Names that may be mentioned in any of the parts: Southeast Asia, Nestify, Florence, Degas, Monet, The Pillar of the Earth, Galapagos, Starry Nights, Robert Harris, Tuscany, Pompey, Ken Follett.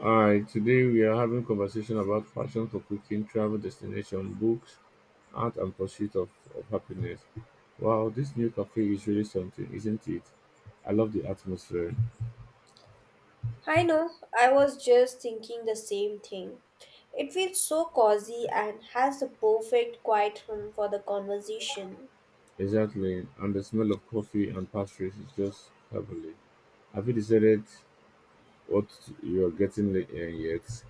All right, today we are having conversation about passion for cooking, travel destination, books, art, and pursuit of happiness. Wow, this new cafe is really something, isn't it? I love the atmosphere. I know, I was just thinking the same thing. It feels so cozy and has the perfect quiet room for the conversation. Exactly, and the smell of coffee and pastries is just heavenly. Have you decided what you are yet?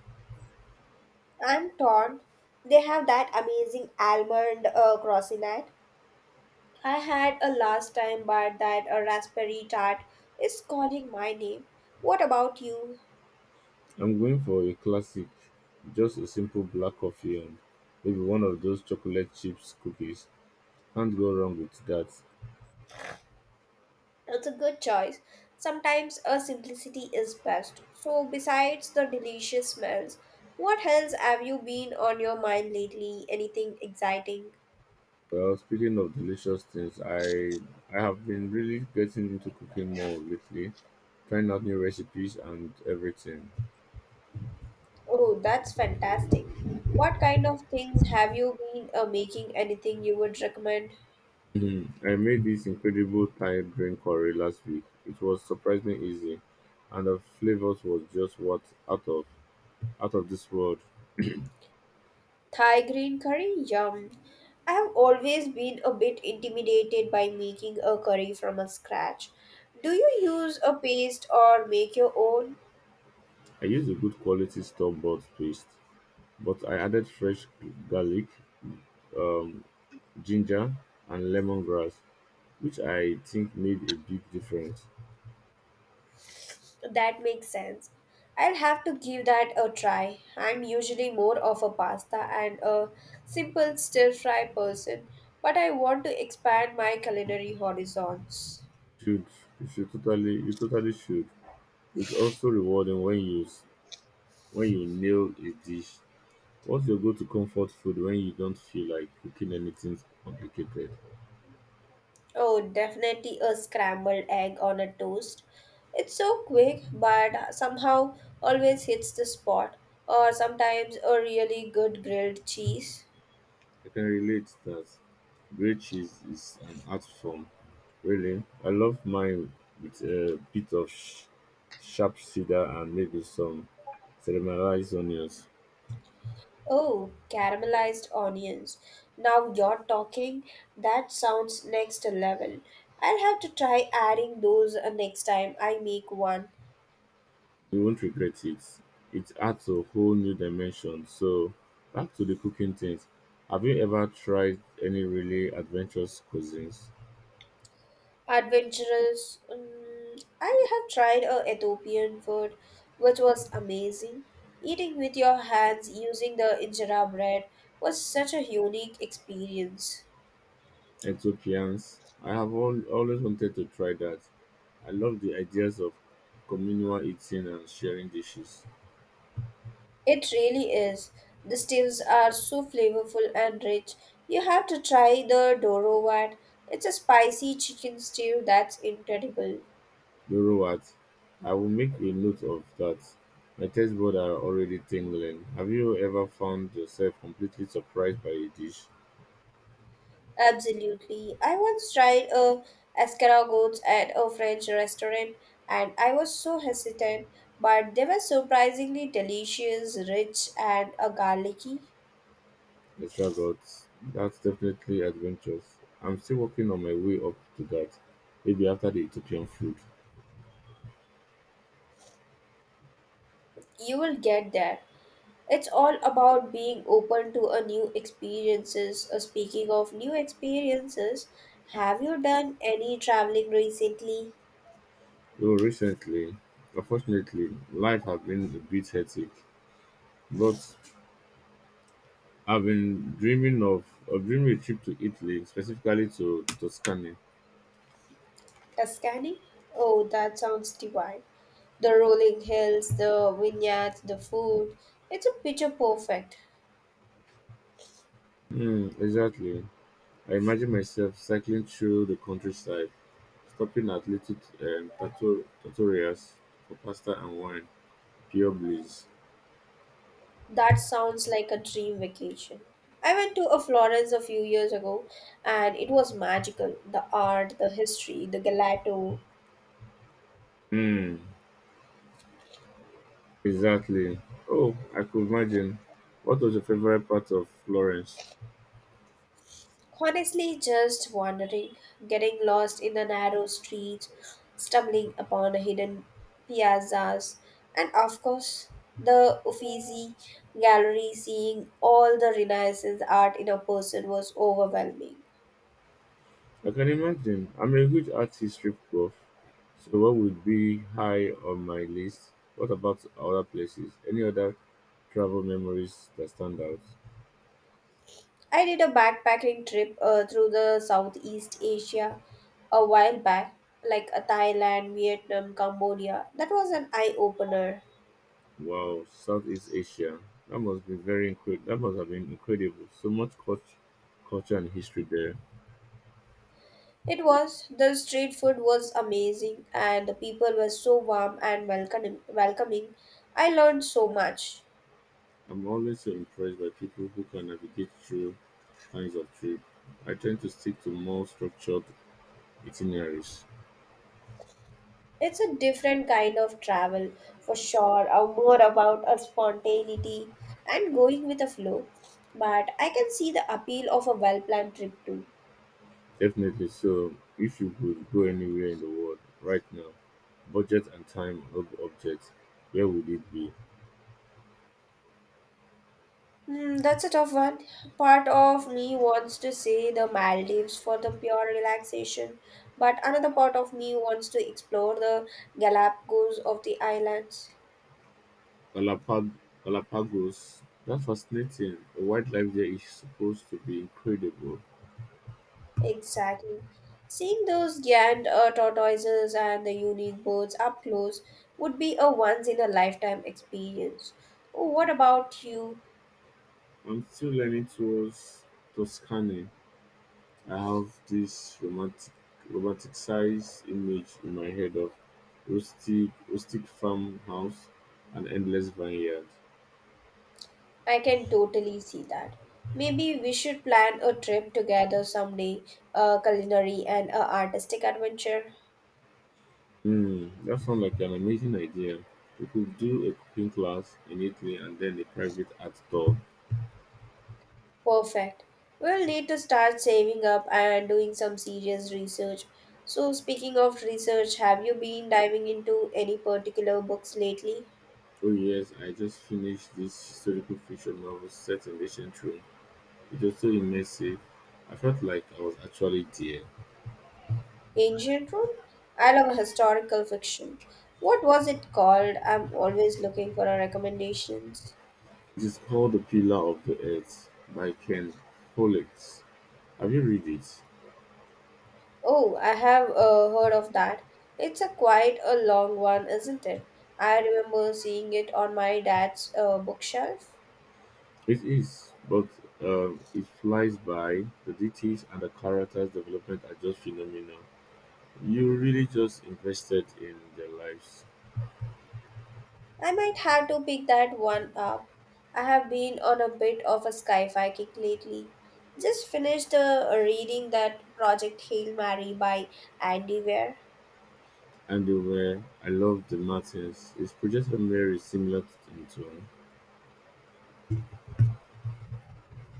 I'm torn. They have that amazing almond croissinat I had a last time, but that a raspberry tart is calling my name. What about you? I'm going for a classic, just a simple black coffee and maybe one of those chocolate chips cookies. Can't go wrong with that. It's a good choice. Sometimes a simplicity is best. So, besides the delicious smells, what else have you been on your mind lately? Anything exciting? Well, speaking of delicious things, I have been really getting into cooking more lately, trying out new recipes and everything. Oh, that's fantastic. What kind of things have you been making? Anything you would recommend? Mhm. I made this incredible Thai green curry last week. It was surprisingly easy, and the flavors was just what out of out of this world. Thai green curry? Yum. I have always been a bit intimidated by making a curry from a scratch. Do you use a paste or make your own? I used a good quality store bought paste, but I added fresh garlic, um, ginger, and lemongrass, which I think made a big difference. That makes sense. I'll have to give that a try. I'm usually more of a pasta and a simple stir fry person, but I want to expand my culinary horizons. Should. You totally should. It's also rewarding when you nail a dish. What's your go-to comfort food when you don't feel like cooking anything complicated? Oh, definitely a scrambled egg on a toast. It's so quick, but somehow always hits the spot. Or sometimes a really good grilled cheese. I can relate to that. Grilled cheese is an art form. Really, I love mine with a bit of sh- sharp cedar and maybe some caramelized onions. Oh, caramelized onions. Now you're talking. That sounds next level. I'll have to try adding those next time I make one. You won't regret it. It adds a whole new dimension. So, back to the cooking things. Have you ever tried any really adventurous cuisines? Adventurous. I have tried a Ethiopian food, which was amazing. Eating with your hands using the injera bread was such a unique experience. Ethiopians. I have always wanted to try that. I love the ideas of communal eating and sharing dishes. It really is. The stews are so flavorful and rich. You have to try the Doro one. It's a spicy chicken stew that's incredible. You know what? I will make a note of that. My taste buds are already tingling. Have you ever found yourself completely surprised by a dish? Absolutely. I once tried a escargots at a French restaurant and I was so hesitant, but they were surprisingly delicious, rich and garlicky. Extra guts. That's definitely adventurous. I'm still working on my way up to that, maybe after the Ethiopian food. You will get there. It's all about being open to a new experiences. Speaking of new experiences, have you done any traveling recently? Though recently, unfortunately, life has been a bit hectic. But I've been dreaming of dreaming a trip to Italy, specifically to Tuscany. Tuscany? Oh, that sounds divine. The rolling hills, the vineyards, the food. It's a picture perfect. Hmm, exactly. I imagine myself cycling through the countryside, stopping at little trattorias for pasta and wine. Pure bliss. That sounds like a dream vacation. I went to a Florence a few years ago and it was magical. The art, the history, the gelato. Hmm. Exactly. Oh, I could imagine. What was your favorite part of Florence? Honestly, just wandering, getting lost in a narrow street, stumbling upon a hidden piazzas, and of course, the Uffizi gallery. Seeing all the Renaissance art in a person was overwhelming. I can imagine. I'm a huge art history buff, so what would be high on my list? What about other places? Any other travel memories that stand out? I did a backpacking trip through the Southeast Asia a while back, like Thailand, Vietnam, Cambodia. That was an eye opener. Wow, Southeast Asia. That must be very incredible. That must have been incredible. So much culture and history there. It was. The street food was amazing, and the people were so warm and welcoming. Welcoming. I learned so much. I'm always so impressed by people who can navigate through kinds of trip. I tend to stick to more structured Itineraries It's a different kind of travel, for sure, or more about a spontaneity and going with the flow. But I can see the appeal of a well-planned trip too. definitely. So, if you could go anywhere in the world right now, budget and time of object, where would it be? Hmm, that's a tough one. Part of me wants to say the Maldives for the pure relaxation, but another part of me wants to explore the Galapagos of the islands. Galapag- Galapagos. That's fascinating. The wildlife there is supposed to be incredible. Exactly. Seeing those Gand tortoises and the unique birds up close would be a once in a lifetime experience. Oh, what about you? I'm still learning towards Tuscany. I have this romanticized image in my head of rustic farmhouse and endless vineyard. I can totally see that. Maybe we should plan a trip together someday, a culinary and a artistic adventure. Mm, that sounds like an amazing idea. We could do a cooking class in Italy and then a private art tour. Perfect. We'll need to start saving up and doing some serious research. So, speaking of research, have you been diving into any particular books lately? Oh yes, I just finished this historical fiction novel set in ancient Rome. It was so immersive. I felt like I was actually there. Ancient Rome? I love historical fiction. What was it called? I'm always looking for a recommendations. It is called The Pillar of the Earth by Ken Follett. Have you read it? Oh, I have heard of that. It's a quite a long one, isn't it? I remember seeing it on my dad's bookshelf. It is, but it flies by. The details and the characters' development are just phenomenal. You really just invested in their lives. I might have to pick that one up. I have been on a bit of a sci-fi kick lately. Just finished reading that Project Hail Mary by Andy Weir. And they were I loved the Martins. His projected memory is similar to in tone.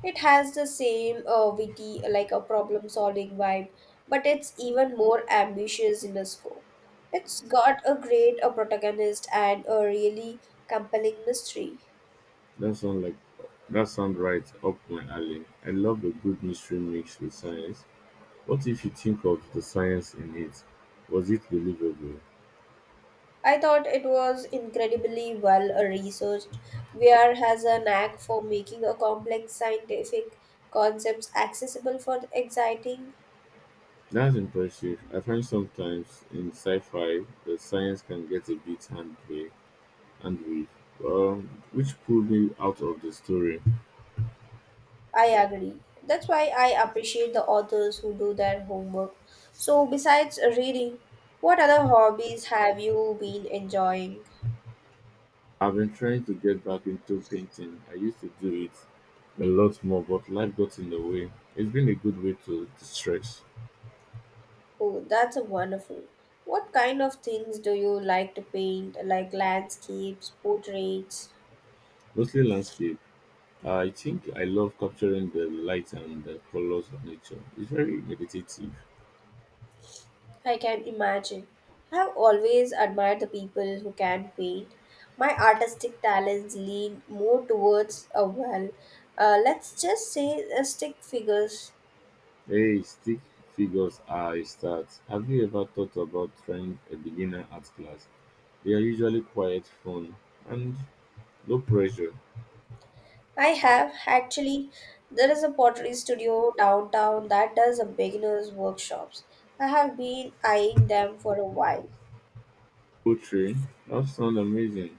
It has the same witty, like a problem solving vibe, but it's even more ambitious in the scope. It's got a great a protagonist and a really compelling mystery. That sound like that sound right up my alley. I love a good mystery mixed with science. What if you think of the science in it? Was it believable? I thought it was incredibly well researched. Weir has a knack for making a complex scientific concepts accessible for exciting. That's impressive. I find sometimes in sci-fi the science can get a bit hand way and with which pulled me out of the story. I agree. That's why I appreciate the authors who do their homework. So, besides reading, what other hobbies have you been enjoying? I've been trying to get back into painting. I used to do it a lot more, but life got in the way. It's been a good way to distress, Oh, that's a wonderful. What kind of things do you like to paint, like landscapes, portraits? mostly landscape. I think I love capturing the light and the colors of nature. It's very meditative. I can imagine. I have always admired the people who can paint. My artistic talents lean more towards a well, let's just say, stick figures. Hey, stick figures are a start. Have you ever thought about trying a beginner art class? They are usually quite fun and low pressure. I have actually. There is a pottery studio downtown that does a beginners workshops. I have been eyeing them for a while. Poetry, that sounds amazing.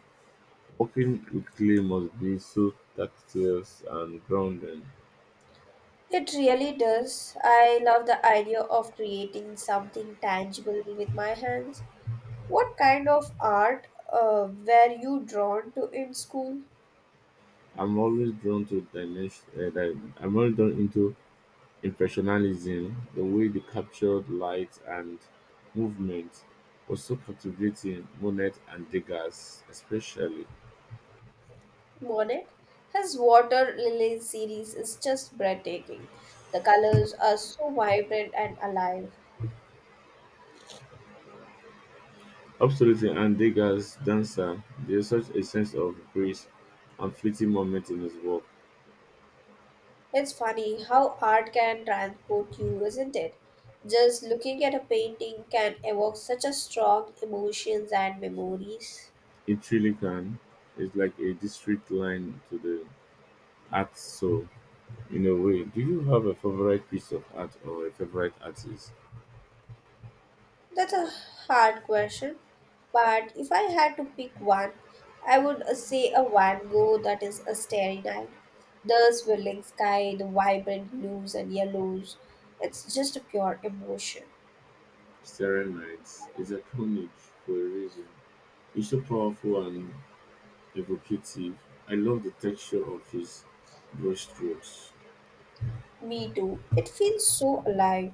Working with clay must be so tactile and grounding. It really does. I love the idea of creating something tangible with my hands. What kind of art were you drawn to in school? I'm always drawn to dimension. I'm always drawn into impressionism. The way they captured light and movement was so captivating. Monet and Degas, especially. Monet? His water lily series is just breathtaking. The colors are so vibrant and alive. Absolutely, and Degas' dancer. There's such a sense of grace and fleeting moment in his work. It's funny how art can transport you, isn't it? Just looking at a painting can evoke such a strong emotions and memories. It really can. It's like a district line to the art soul. In a way, do you have a favorite piece of art or a favorite artist? That's a hard question, but if I had to pick one, I would say a Van Gogh that is a starry night. The swirling sky, the vibrant blues and yellows. It's just a pure emotion. Starry Nights is iconic for a reason. It's so powerful and evocative. I love the texture of his brushstrokes. Me too. It feels so alive.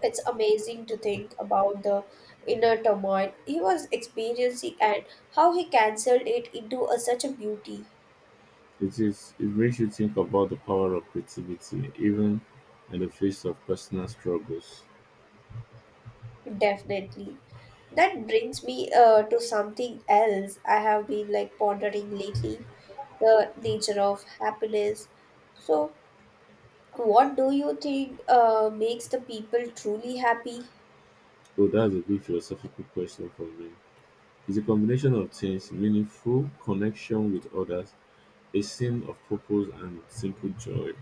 It's amazing to think about the inner turmoil he was experiencing and how he cancelled it into a, such a beauty. It is. It makes you think about the power of creativity, even in the face of personal struggles. Definitely. That brings me to something else I have been like pondering lately, the nature of happiness. So, what do you think makes the people truly happy? So that's a big philosophical question for me. It's a combination of things: meaningful connection with others, a sense of purpose, and simple joy.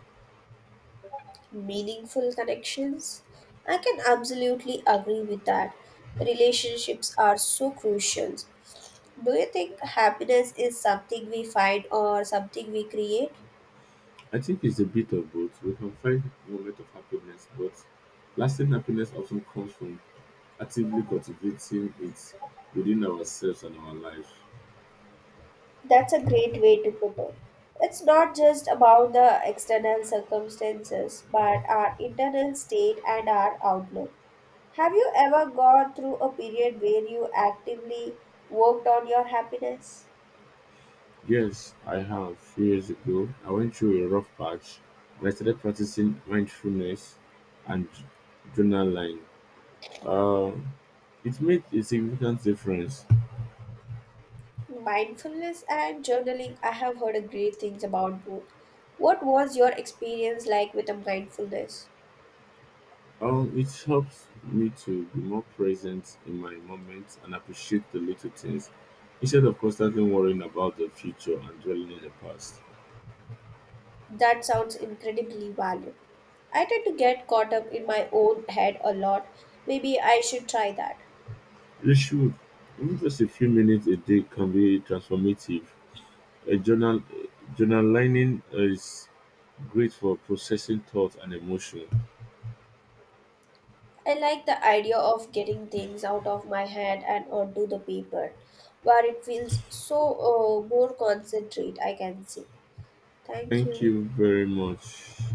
Meaningful connections? I can absolutely agree with that. Relationships are so crucial. Do you think happiness is something we find or something we create? I think it's a bit of both. We can find moments of happiness, but lasting happiness often comes from actively cultivating it within ourselves and our life. That's a great way to put it. It's not just about the external circumstances, but our internal state and our outlook. Have you ever gone through a period where you actively worked on your happiness? Yes, I have. Few years ago, I went through a rough patch and I started practicing mindfulness and journaling. Uh, it made a significant difference. Mindfulness and journaling, I have heard great things about both. What was your experience like with the mindfulness? It helps me to be more present in my moments and appreciate the little things instead of constantly worrying about the future and dwelling in the past. That sounds incredibly valuable. I tend to get caught up in my own head a lot. Maybe I should try that. You should, even just a few minutes a day can be transformative. A journal, Journaling is great for processing thoughts and emotion. I like the idea of getting things out of my head and onto the paper, where it feels so more concentrate, I can say. Thank Thank you. you very much.